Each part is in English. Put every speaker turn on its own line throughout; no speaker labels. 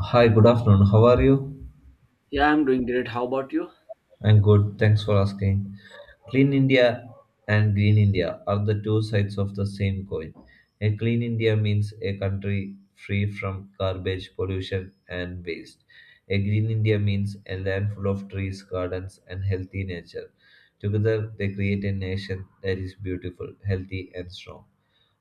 Hi, good afternoon. How are you?
Yeah, I'm doing great. How about you?
I'm good. Thanks for asking. Clean India and Green India are the two sides of the same coin. A clean India means a country free from garbage, pollution, and waste. A green India means a land full of trees, gardens, and healthy nature. Together, they create a nation that is beautiful, healthy, and strong.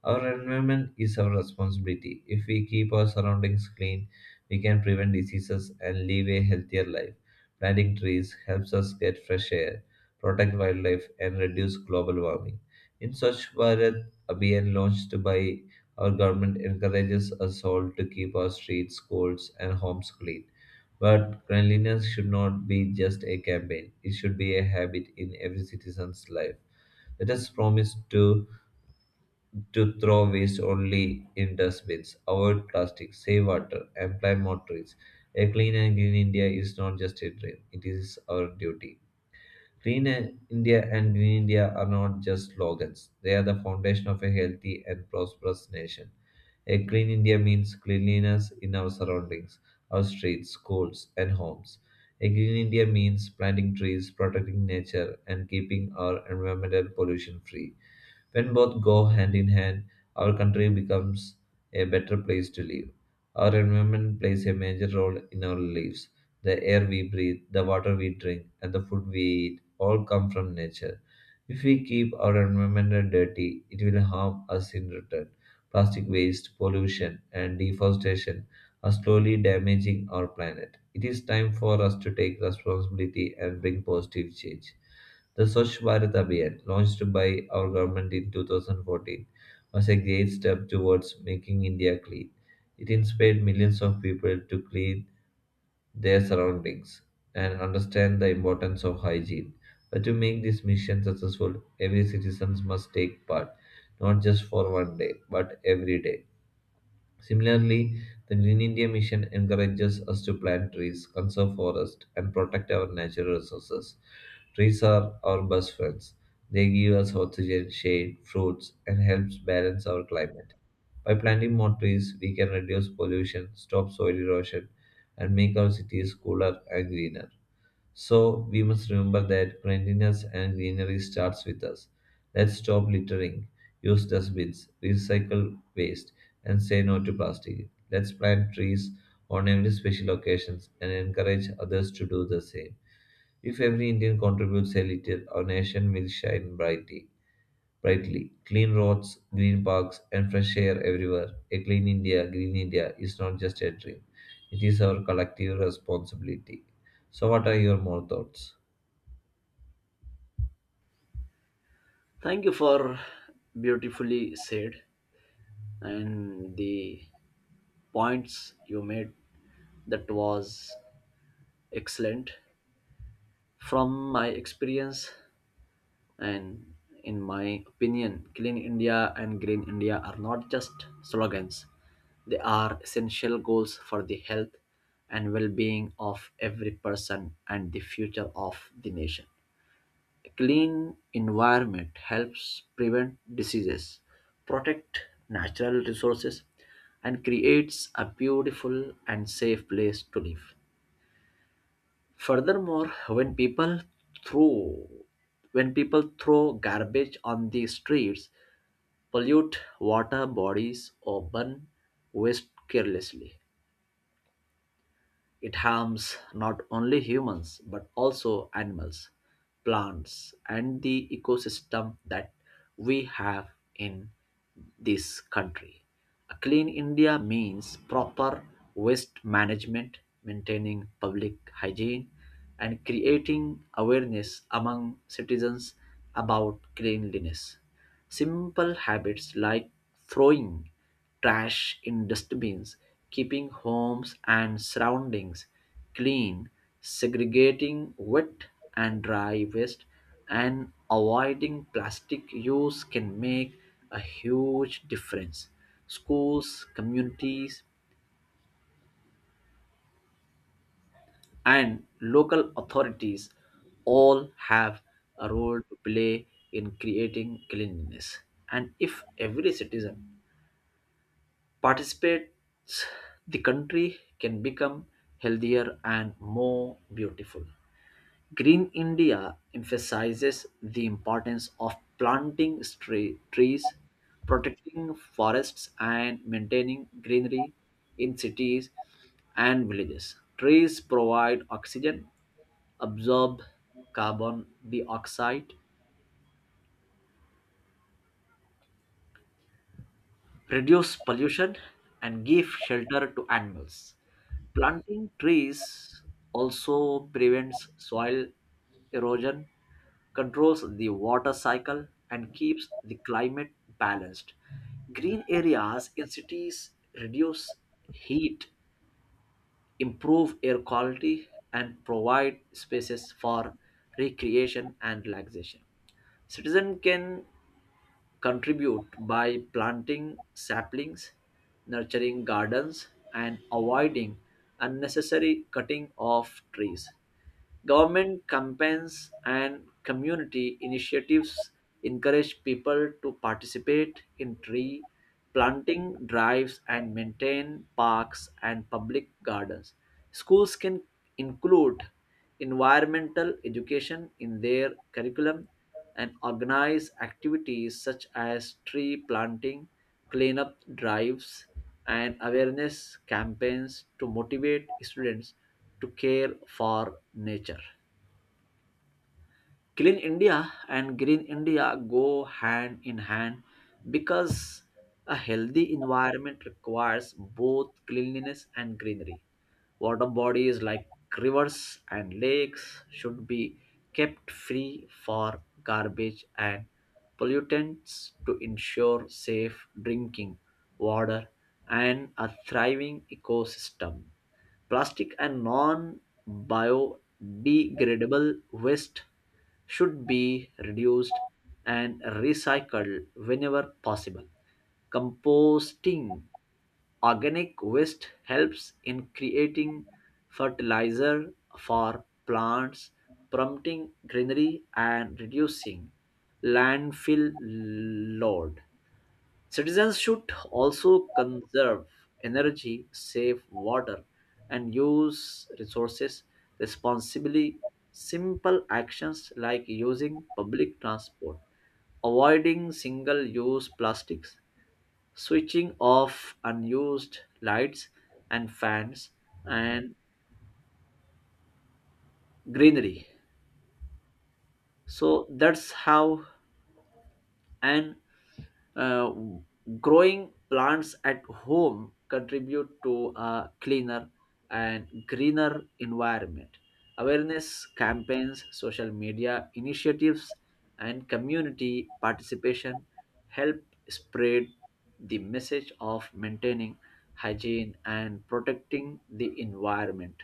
Our environment is our responsibility. If we keep our surroundings clean, we can prevent diseases and live a healthier life. Planting trees helps us get fresh air, protect wildlife, and reduce global warming. In Swachh Bharat Abhiyan launched by our government encourages us all to keep our streets, schools, and homes clean. But cleanliness should not be just a campaign; it should be a habit in every citizen's life. Let us promise to throw waste only in dustbins, avoid plastic, save water, and plant more trees. A clean and green India is not just a dream, it is our duty. Clean India and Green India are not just slogans, they are the foundation of a healthy and prosperous nation. A clean India means cleanliness in our surroundings, our streets, schools, and homes. A green India means planting trees, protecting nature, and keeping our environmental pollution free. When both go hand in hand, our country becomes a better place to live. Our environment plays a major role in our lives. The air we breathe, the water we drink, and the food we eat all come from nature. If we keep our environment dirty, it will harm us in return. Plastic waste, pollution, and deforestation are slowly damaging our planet. It is time for us to take responsibility and bring positive change. The Swachh Bharat Abhiyan, launched by our government in 2014, was a great step towards making India clean. It inspired millions of people to clean their surroundings and understand the importance of hygiene. But to make this mission successful, every citizen must take part, not just for one day, but every day. Similarly, the Green India Mission encourages us to plant trees, conserve forests, and protect our natural resources. Trees are our best friends. They give us oxygen, shade, fruits, and helps balance our climate. By planting more trees, we can reduce pollution, stop soil erosion, and make our cities cooler and greener. So we must remember that cleanliness and greenery starts with us. Let's stop littering, use dustbins, recycle waste, and say no to plastic. Let's plant trees on every special occasion and encourage others to do the same. If every Indian contributes a little, our nation will shine brightly. Brightly, clean roads, green parks, and fresh air everywhere. A clean India, green India is not just a dream; it is our collective responsibility. So, what are your more thoughts?
Thank you for beautifully said and the points you made, that was excellent. From my experience and in my opinion, Clean India and Green India are not just slogans. They are essential goals for the health and well-being of every person and the future of the nation. A clean environment helps prevent diseases, protect natural resources, and creates a beautiful and safe place to live. Furthermore, throw when people throw garbage on the streets, pollute water bodies, or burn waste carelessly. It harms not only humans but also animals, plants, and the ecosystem that we have in this country. A clean India means proper waste management, maintaining public hygiene, and creating awareness among citizens about cleanliness. Simple habits like throwing trash in dustbins, keeping homes and surroundings clean, segregating wet and dry waste, and avoiding plastic use can make a huge difference. Schools, communities, and local authorities all have a role to play in creating cleanliness. And if every citizen participates, the country can become healthier and more beautiful. Green India emphasizes the importance of planting trees, protecting forests, and maintaining greenery in cities and villages. Trees provide oxygen, absorb carbon dioxide, reduce pollution, and give shelter to animals. Planting trees also prevents soil erosion, controls the water cycle, and keeps the climate balanced. Green areas in cities reduce heat, improve air quality, and provide spaces for recreation and relaxation. Citizens can contribute by planting saplings, nurturing gardens, and avoiding unnecessary cutting of trees. Government campaigns and community initiatives encourage people to participate in tree planting drives and maintain parks and public gardens. Schools can include environmental education in their curriculum and organize activities such as tree planting, cleanup drives, and awareness campaigns to motivate students to care for nature. Clean India and Green India go hand in hand because a healthy environment requires both cleanliness and greenery. Water bodies like rivers and lakes should be kept free for garbage and pollutants to ensure safe drinking water and a thriving ecosystem. Plastic and non biodegradable waste should be reduced and recycled whenever possible. Composting organic waste helps in creating fertilizer for plants, prompting greenery and reducing landfill load. Citizens should also conserve energy, save water, and use resources responsibly. Simple actions like using public transport, avoiding single use plastics, switching off unused lights and fans, and greenery. So that's how an Uh, growing plants at home contribute to a cleaner and greener environment. Awareness campaigns, social media initiatives, and community participation help spread the message of maintaining hygiene and protecting the environment.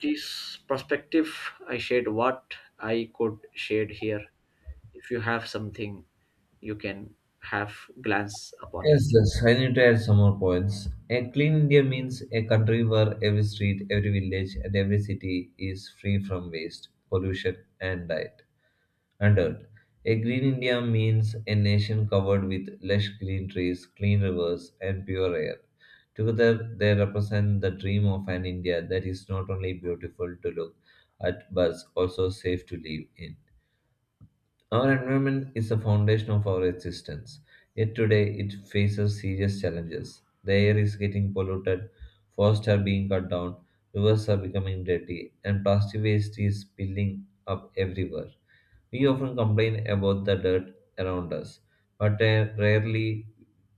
This perspective I shared, what I could share here. If you have something, you can have glance upon
Yes,
it.
yes, I need to add some more points. A clean India means a country where every street, every village, and every city is free from waste, pollution, and dirt. And dirt. A green India means a nation covered with lush green trees, clean rivers, and pure air. Together, they represent the dream of an India that is not only beautiful to look at but also safe to live in. Our environment is the foundation of our existence, yet today it faces serious challenges. The air is getting polluted, forests are being cut down, rivers are becoming dirty, and plastic waste is spilling up everywhere. We often complain about the dirt around us, but rarely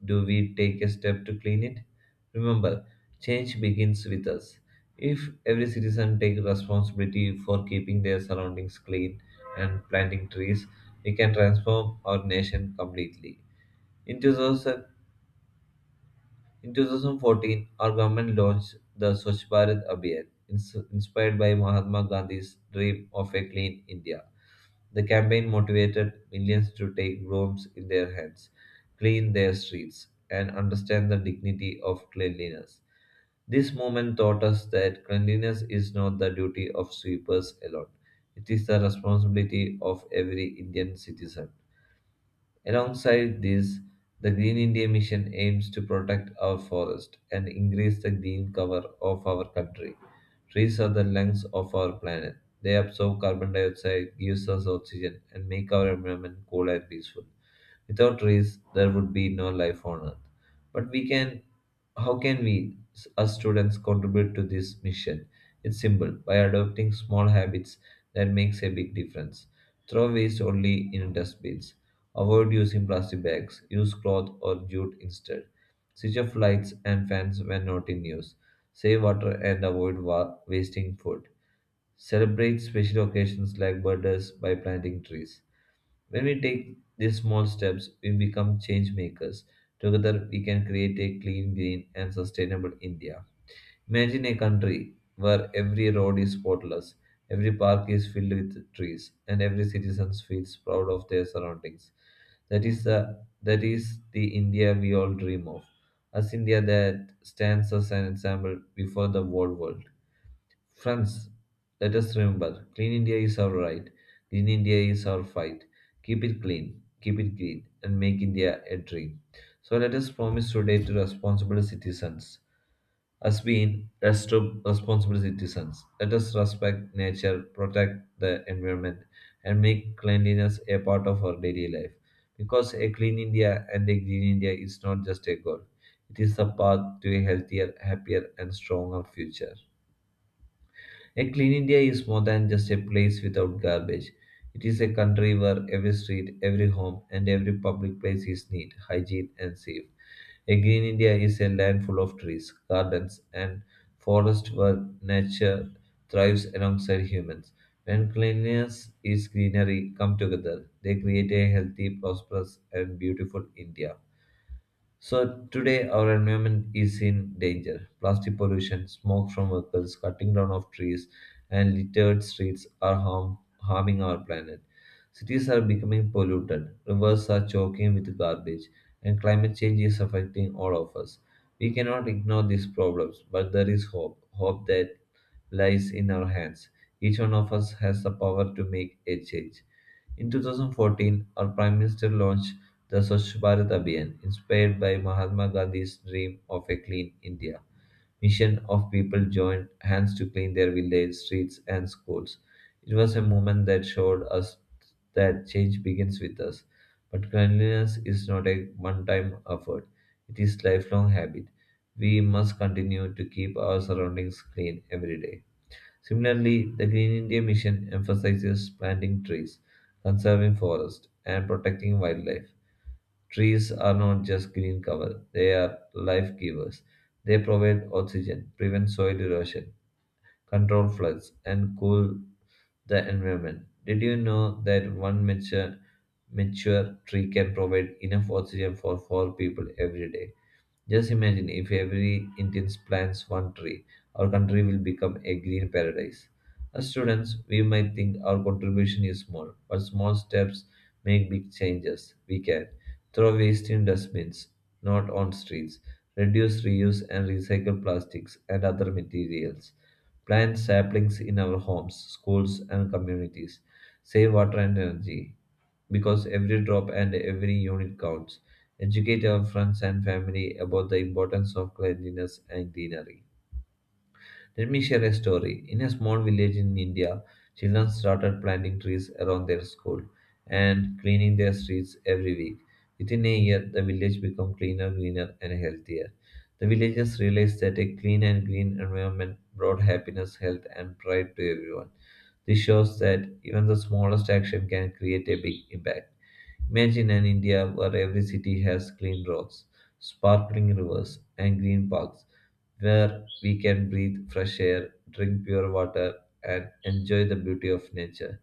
do we take a step to clean it. Remember, change begins with us. If every citizen takes responsibility for keeping their surroundings clean and planting trees, it can transform our nation completely. In, 2000, in 2014, our government launched the Swachh Bharat Abhiyan, inspired by Mahatma Gandhi's dream of a clean India. The campaign motivated millions to take brooms in their hands, clean their streets, and understand the dignity of cleanliness. This movement taught us that cleanliness is not the duty of sweepers alone. It is the responsibility of every Indian citizen. Alongside this, the Green India Mission aims to protect our forest and increase the green cover of our country. Trees are the lungs of our planet. They absorb carbon dioxide, gives us oxygen, and make our environment cool and peaceful. Without trees, there would be no life on Earth. But we can, how can we, as students, contribute to this mission? It's simple by adopting small habits that makes a big difference. Throw waste only in dustbins. Avoid using plastic bags. Use cloth or jute instead. Switch off lights and fans when not in use. Save water and avoid wasting food. Celebrate special occasions like birthdays by planting trees. When we take these small steps, we become change makers. Together, we can create a clean, green, and sustainable India. Imagine a country where every road is spotless, every park is filled with trees, and every citizen feels proud of their surroundings. That is the India we all dream of. As India that stands as an example before the whole world. Friends, let us remember clean India is our right. Clean India is our fight. Keep it clean, keep it green, and make India a dream. So let us promise today to responsible citizens as being responsible citizens. Let us respect nature, protect the environment, and make cleanliness a part of our daily life. Because a clean India and a green India is not just a goal, it is the path to a healthier, happier, and stronger future. A clean India is more than just a place without garbage. It is a country where every street, every home, and every public place is neat, hygiene, and safe. A green India is a land full of trees, gardens, and forests where nature thrives alongside humans. When cleanliness is greenery come together, they create a healthy, prosperous, and beautiful India. So today our environment is in danger. Plastic pollution, smoke from vehicles, cutting down of trees, and littered streets are harming our planet. Cities are becoming polluted, rivers are choking with garbage, and climate change is affecting all of us. We cannot ignore these problems, but there is hope. Hope that lies in our hands. Each one of us has the power to make a change. In 2014, our Prime Minister launched the Swachh Bharat Abhiyan, inspired by Mahatma Gandhi's dream of a clean India, mission of people joined hands to clean their village, streets, and schools. It was a movement that showed us that change begins with us. But cleanliness is not a one time effort, it is lifelong habit. We must continue to keep our surroundings clean every day. Similarly, the Green India Mission emphasizes planting trees, conserving forests, and protecting wildlife. Trees are not just green cover, they are life givers. They provide oxygen, prevent soil erosion, control floods, and cool the environment. Did you know that one mature tree can provide enough oxygen for four people every day? Just imagine if every Indian plants one tree, our country will become a green paradise. As students, we might think our contribution is small, but small steps make big changes. We can throw waste in dustbins, not on streets, reduce, reuse, and recycle plastics and other materials, plant saplings in our homes, schools, and communities, save water and energy because every drop and every unit counts. Educate our friends and family about the importance of cleanliness and greenery. Let me share a story. In a small village in India, children started planting trees around their school and cleaning their streets every week. Within a year, the village became cleaner, greener, and healthier. The villagers realized that a clean and green environment brought happiness, health, and pride to everyone. This shows that even the smallest action can create a big impact. Imagine an India where every city has clean roads, sparkling rivers, and green parks where we can breathe fresh air, drink pure water, and enjoy the beauty of nature.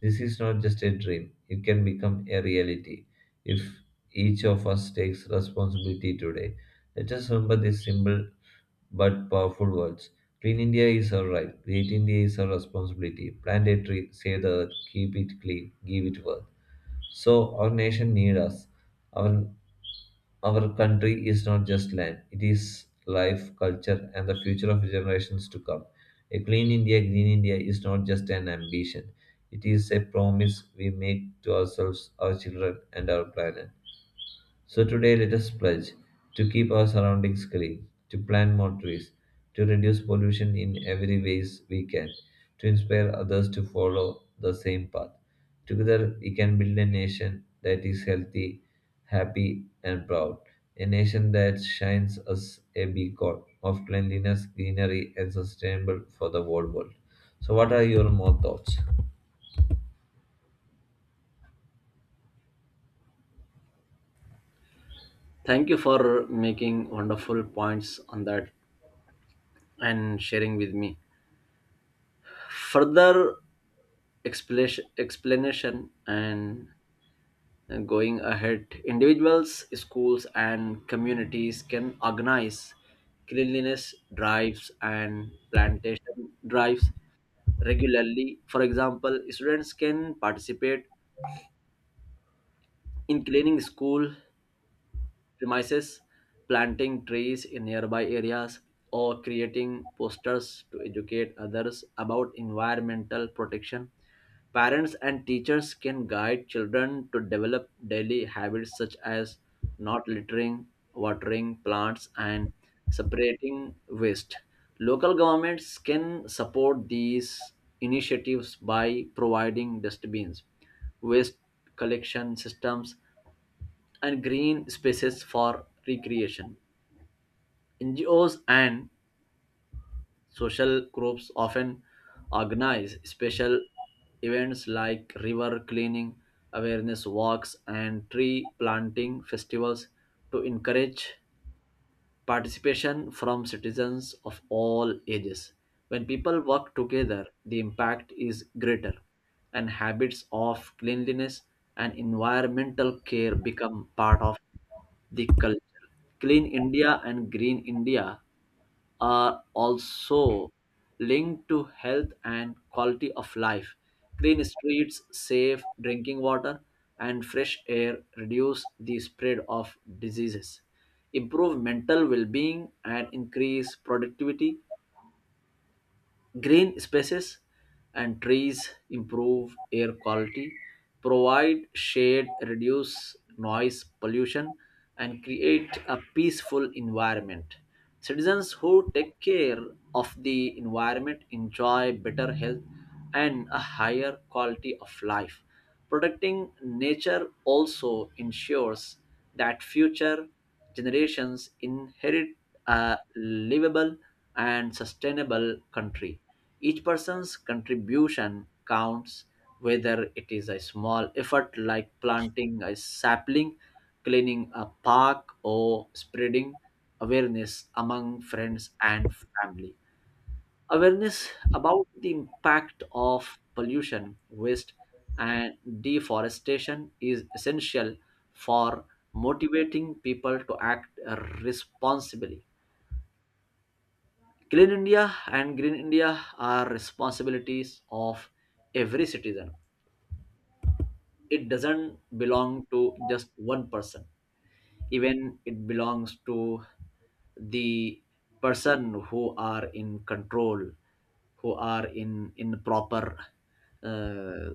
This is not just a dream, it can become a reality if each of us takes responsibility today. Let us remember these simple but powerful words. Clean India is our right, Great India is our responsibility. Plant a tree, save the earth, keep it clean, give it worth. So our nation needs us. Our our country is not just land, it is life, culture, and the future of generations to come. A clean India, green India is not just an ambition, it is a promise we make to ourselves, our children, and our planet. So today, let us pledge to keep our surroundings clean, to plant more trees, to reduce pollution in every ways we can, to inspire others to follow the same path. Together, we can build a nation that is healthy, happy, and proud. A nation that shines as a beacon of cleanliness, greenery, and sustainable for the whole world. So, what are your more thoughts?
Thank you for making wonderful points on that and sharing with me further explanation. And going ahead, individuals, schools, and communities can organize cleanliness drives and plantation drives regularly. For example, students can participate in cleaning school premises, planting trees in nearby areas, or creating posters to educate others about environmental protection. Parents and teachers can guide children to develop daily habits such as not littering, watering plants, and separating waste. Local governments can support these initiatives by providing dustbins, waste collection systems, and green spaces for recreation. NGOs and social groups often organize special events like river cleaning, awareness walks, and tree planting festivals to encourage participation from citizens of all ages. When people work together, the impact is greater, and habits of cleanliness and environmental care become part of the culture. Clean India and Green India are also linked to health and quality of life. Clean streets, safe drinking water, and fresh air reduce the spread of diseases, improve mental well being, and increase productivity. Green spaces and trees improve air quality, provide shade, reduce noise pollution, and create a peaceful environment. Citizens who take care of the environment enjoy better health and a higher quality of life. Protecting nature also ensures that future generations inherit a livable and sustainable country. Each person's contribution counts, whether it is a small effort like planting a sapling, cleaning a park, or spreading awareness among friends and family. Awareness about the impact of pollution, waste, and deforestation is essential for motivating people to act responsibly. Clean India and Green India are responsibilities of every citizen. It doesn't belong to just one person, even it belongs to the person who are in control, who are in proper uh,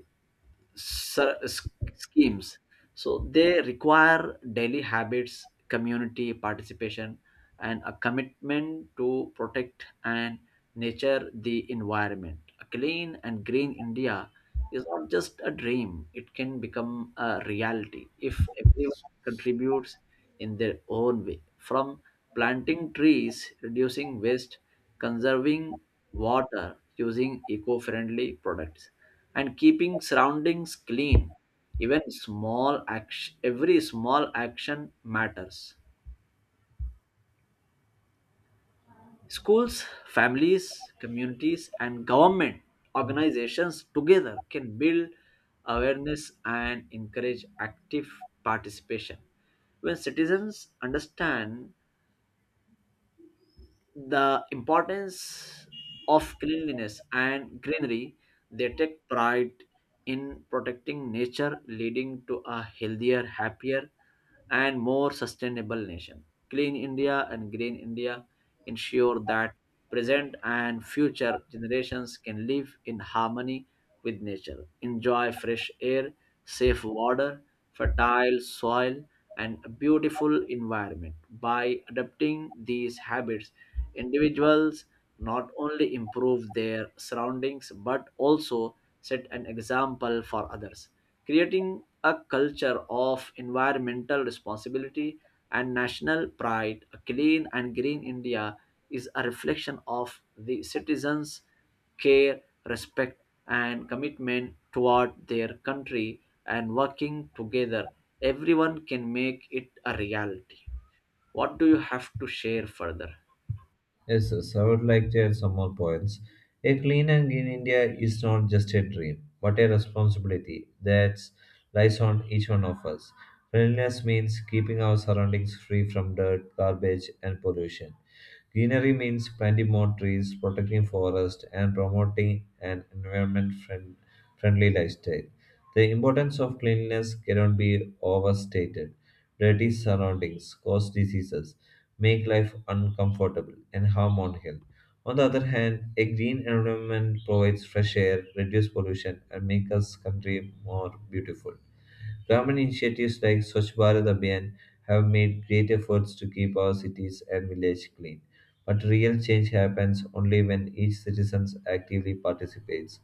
schemes. So they require daily habits, community participation, and a commitment to protect and nature the environment. A clean and green India is not just a dream, it can become a reality if everyone contributes in their own way, from planting trees, reducing waste, conserving water, using eco friendly products, and keeping surroundings clean. Every small action matters. Schools, families, communities, and government organizations together can build awareness and encourage active participation. When citizens understand the importance of cleanliness and greenery, they take pride in protecting nature, leading to a healthier, happier, and more sustainable nation. Clean India and Green India ensure that present and future generations can live in harmony with nature, enjoy fresh air, safe water, fertile soil, and a beautiful environment. By adopting these habits, individuals not only improve their surroundings but also set an example for others, creating a culture of environmental responsibility and national pride. A clean and green India is a reflection of the citizens' care, respect, and commitment toward their country, and working together, everyone can make it a reality. What do you have to share further?
Yes, I would like to add some more points. A clean and green India is not just a dream, but a responsibility that lies on each one of us. Cleanliness means keeping our surroundings free from dirt, garbage, and pollution. Greenery means planting more trees, protecting forests, and promoting an friendly lifestyle. The importance of cleanliness cannot be overstated. Dirty surroundings cause diseases, make life uncomfortable and harm on health. On the other hand, a green environment provides fresh air, reduces pollution, and makes us country more beautiful. Government initiatives like Swachh Bharat Abhiyan have made great efforts to keep our cities and villages clean. But real change happens only when each citizen actively participates.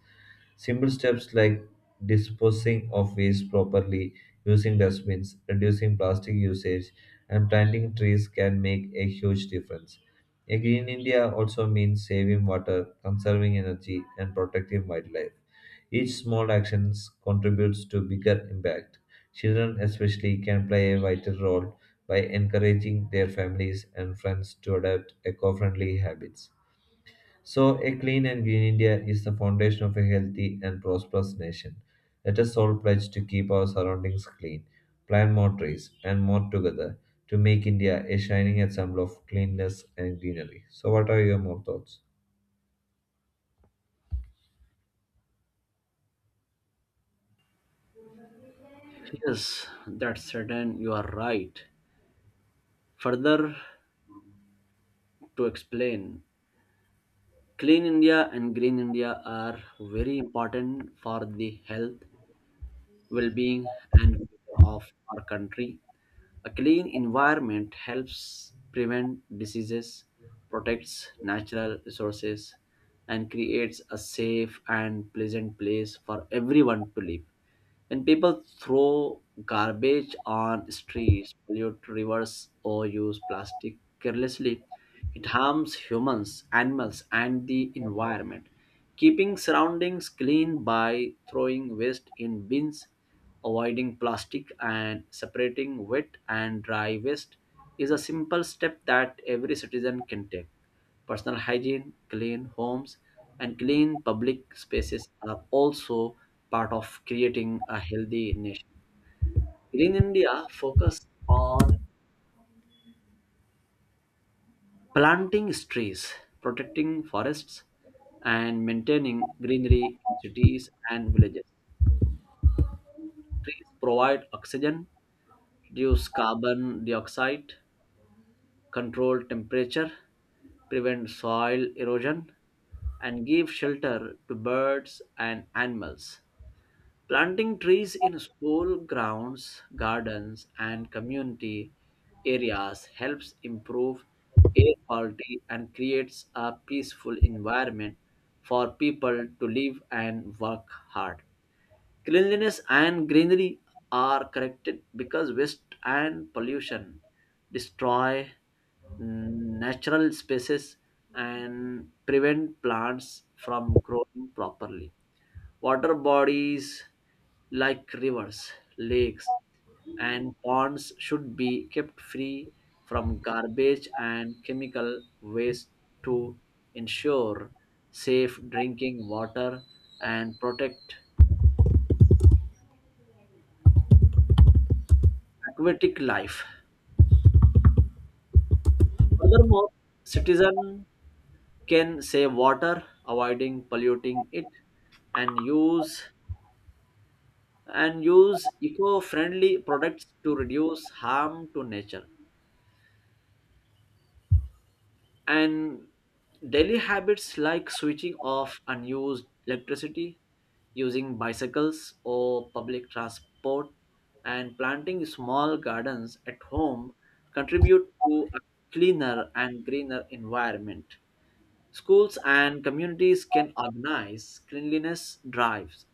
Simple steps like disposing of waste properly, using dustbins, reducing plastic usage, and planting trees can make a huge difference. A green India also means saving water, conserving energy, and protecting wildlife. Each small action contributes to bigger impact. Children, especially, can play a vital role by encouraging their families and friends to adopt eco friendly habits. So, a clean and green India is the foundation of a healthy and prosperous nation. Let us all pledge to keep our surroundings clean, plant more trees, and more together to make India a shining example of cleanliness and greenery. So, what are your more thoughts?
Yes, that's certain. You are right. Further to explain, Clean India and Green India are very important for the health, well being, and future of our country. A clean environment helps prevent diseases, protects natural resources, and creates a safe and pleasant place for everyone to live. When people throw garbage on streets, pollute rivers, or use plastic carelessly, it harms humans, animals, and the environment. Keeping surroundings clean by throwing waste in bins, avoiding plastic, and separating wet and dry waste is a simple step that every citizen can take. Personal hygiene, clean homes, and clean public spaces are also part of creating a healthy nation. Green India focus on planting trees, protecting forests, and maintaining greenery in cities and villages. Trees provide oxygen, reduce carbon dioxide, control temperature, prevent soil erosion, and give shelter to birds and animals. Planting trees in school grounds, gardens, and community areas helps improve air quality and creates a peaceful environment for people to live and work hard. Cleanliness and greenery are connected because waste and pollution destroy natural spaces and prevent plants from growing properly. Water bodies like rivers, lakes, and ponds should be kept free from garbage and chemical waste to ensure safe drinking water and protect aquatic life. Furthermore, citizens can save water, avoiding polluting it, and use eco-friendly products to reduce harm to nature. And daily habits like switching off unused electricity, using bicycles or public transport, and planting small gardens at home contribute to a cleaner and greener environment. Schools and communities can organize cleanliness drives,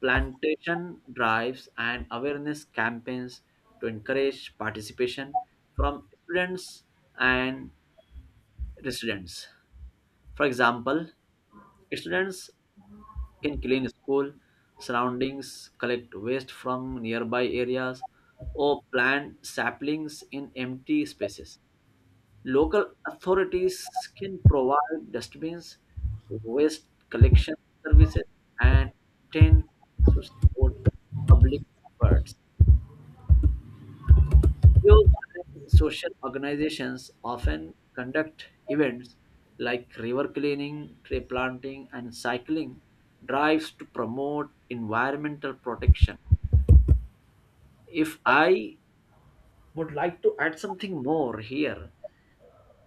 plantation drives, and awareness campaigns to encourage participation from students and residents. For example, students can clean school surroundings, collect waste from nearby areas, or plant saplings in empty spaces. Local authorities can provide dustbins, waste collection services, and maintain parks to support public efforts. NGOs and social organizations often conduct events like river cleaning, tree planting, and cycling drives to promote environmental protection. If I would like to add something more here,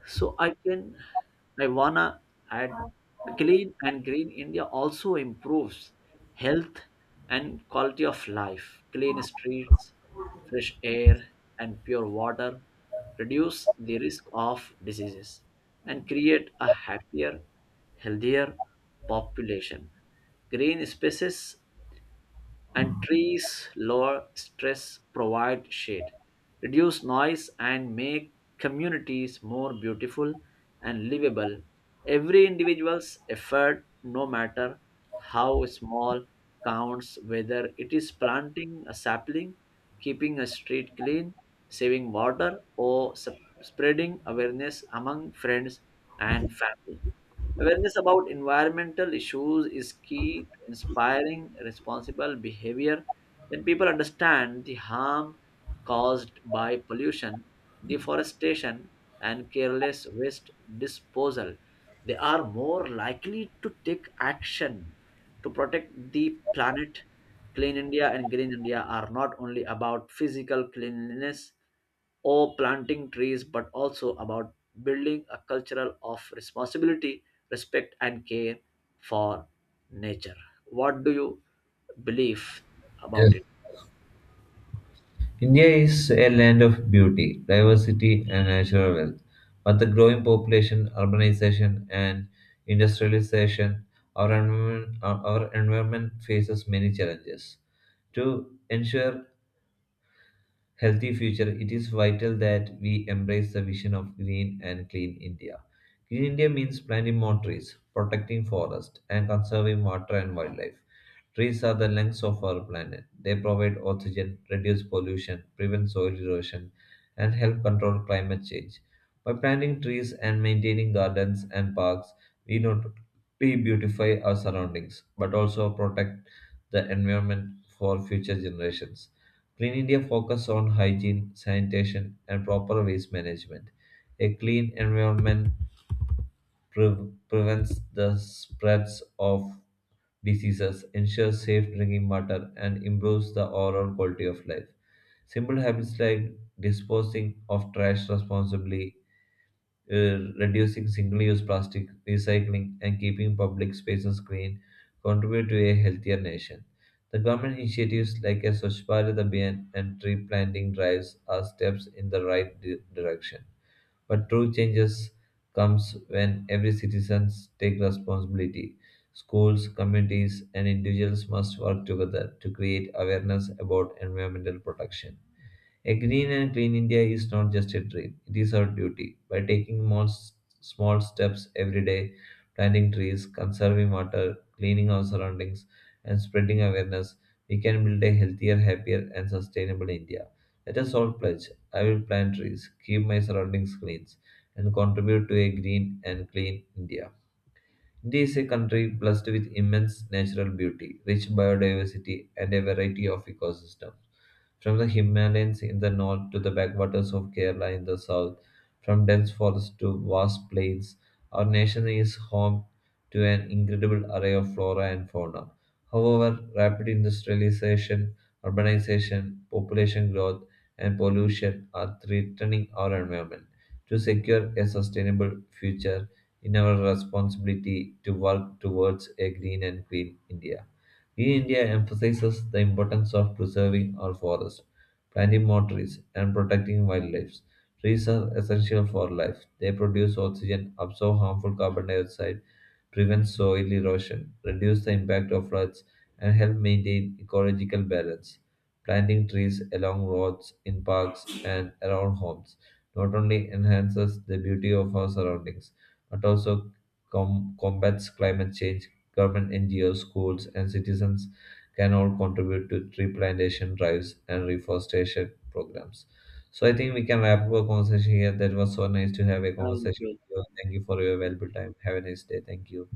so I can, I wanna add, clean and green India also improves health and quality of life. Clean streets, fresh air, and pure water reduce the risk of diseases and create a happier, healthier population. Green spaces and trees lower stress, provide shade, reduce noise, and make communities more beautiful and livable. Every individual's effort, no matter how small, counts, whether it is planting a sapling, keeping a street clean, saving water, or spreading awareness among friends and family. Awareness about environmental issues is key to inspiring responsible behavior. When people understand the harm caused by pollution, deforestation, and careless waste disposal, they are more likely to take action to protect the planet. Clean India and Green India are not only about physical cleanliness or planting trees, but also about building a cultural of responsibility, respect, and care for nature. What do you believe
Yes.
about it?
India is a land of beauty, diversity, and natural wealth, but the growing population, urbanization, and industrialization, our environment, our environment faces many challenges. To ensure healthy future, it is vital that we embrace the vision of green and clean India. Green India means planting more trees, protecting forests, and conserving water and wildlife. Trees are the lungs of our planet. They provide oxygen, reduce pollution, prevent soil erosion, and help control climate change. By planting trees and maintaining gardens and parks, we not only beautify our surroundings but also protect the environment for future generations. Clean India focus on hygiene, sanitation, and proper waste management. A clean environment prevents the spreads of diseases, ensures safe drinking water, and improves the overall quality of life. Simple habits like disposing of trash responsibly uh, reducing single-use plastic, recycling, and keeping public spaces clean contribute to a healthier nation. The government initiatives like a Swachh Bharat Abhiyan and tree planting drives are steps in the right direction. But true changes comes when every citizen take responsibility. Schools, communities, and individuals must work together to create awareness about environmental protection. A green and clean India is not just a dream, it is our duty. By taking small steps every day, planting trees, conserving water, cleaning our surroundings, and spreading awareness, we can build a healthier, happier, and sustainable India. Let us all pledge I will plant trees, keep my surroundings clean, and contribute to a green and clean India. India is a country blessed with immense natural beauty, rich biodiversity, and a variety of ecosystems. From the Himalayas in the north to the backwaters of Kerala in the south, from dense forests to vast plains, our nation is home to an incredible array of flora and fauna. However, rapid industrialization, urbanization, population growth, and pollution are threatening our environment. To secure a sustainable future, in our responsibility to work towards a green and clean India. Green India emphasizes the importance of preserving our forests, planting more trees, and protecting wildlife. Trees are essential for life. They produce oxygen, absorb harmful carbon dioxide, prevent soil erosion, reduce the impact of floods, and help maintain ecological balance. Planting trees along roads, in parks, and around homes not only enhances the beauty of our surroundings but also combats climate change. Government NGOs, schools, and citizens can all contribute to tree plantation drives and reforestation programs. So I think we can wrap up our conversation here. That was so nice to have a
Thank
conversation
you.
with you. Thank you for your valuable time. Have a nice day. Thank you.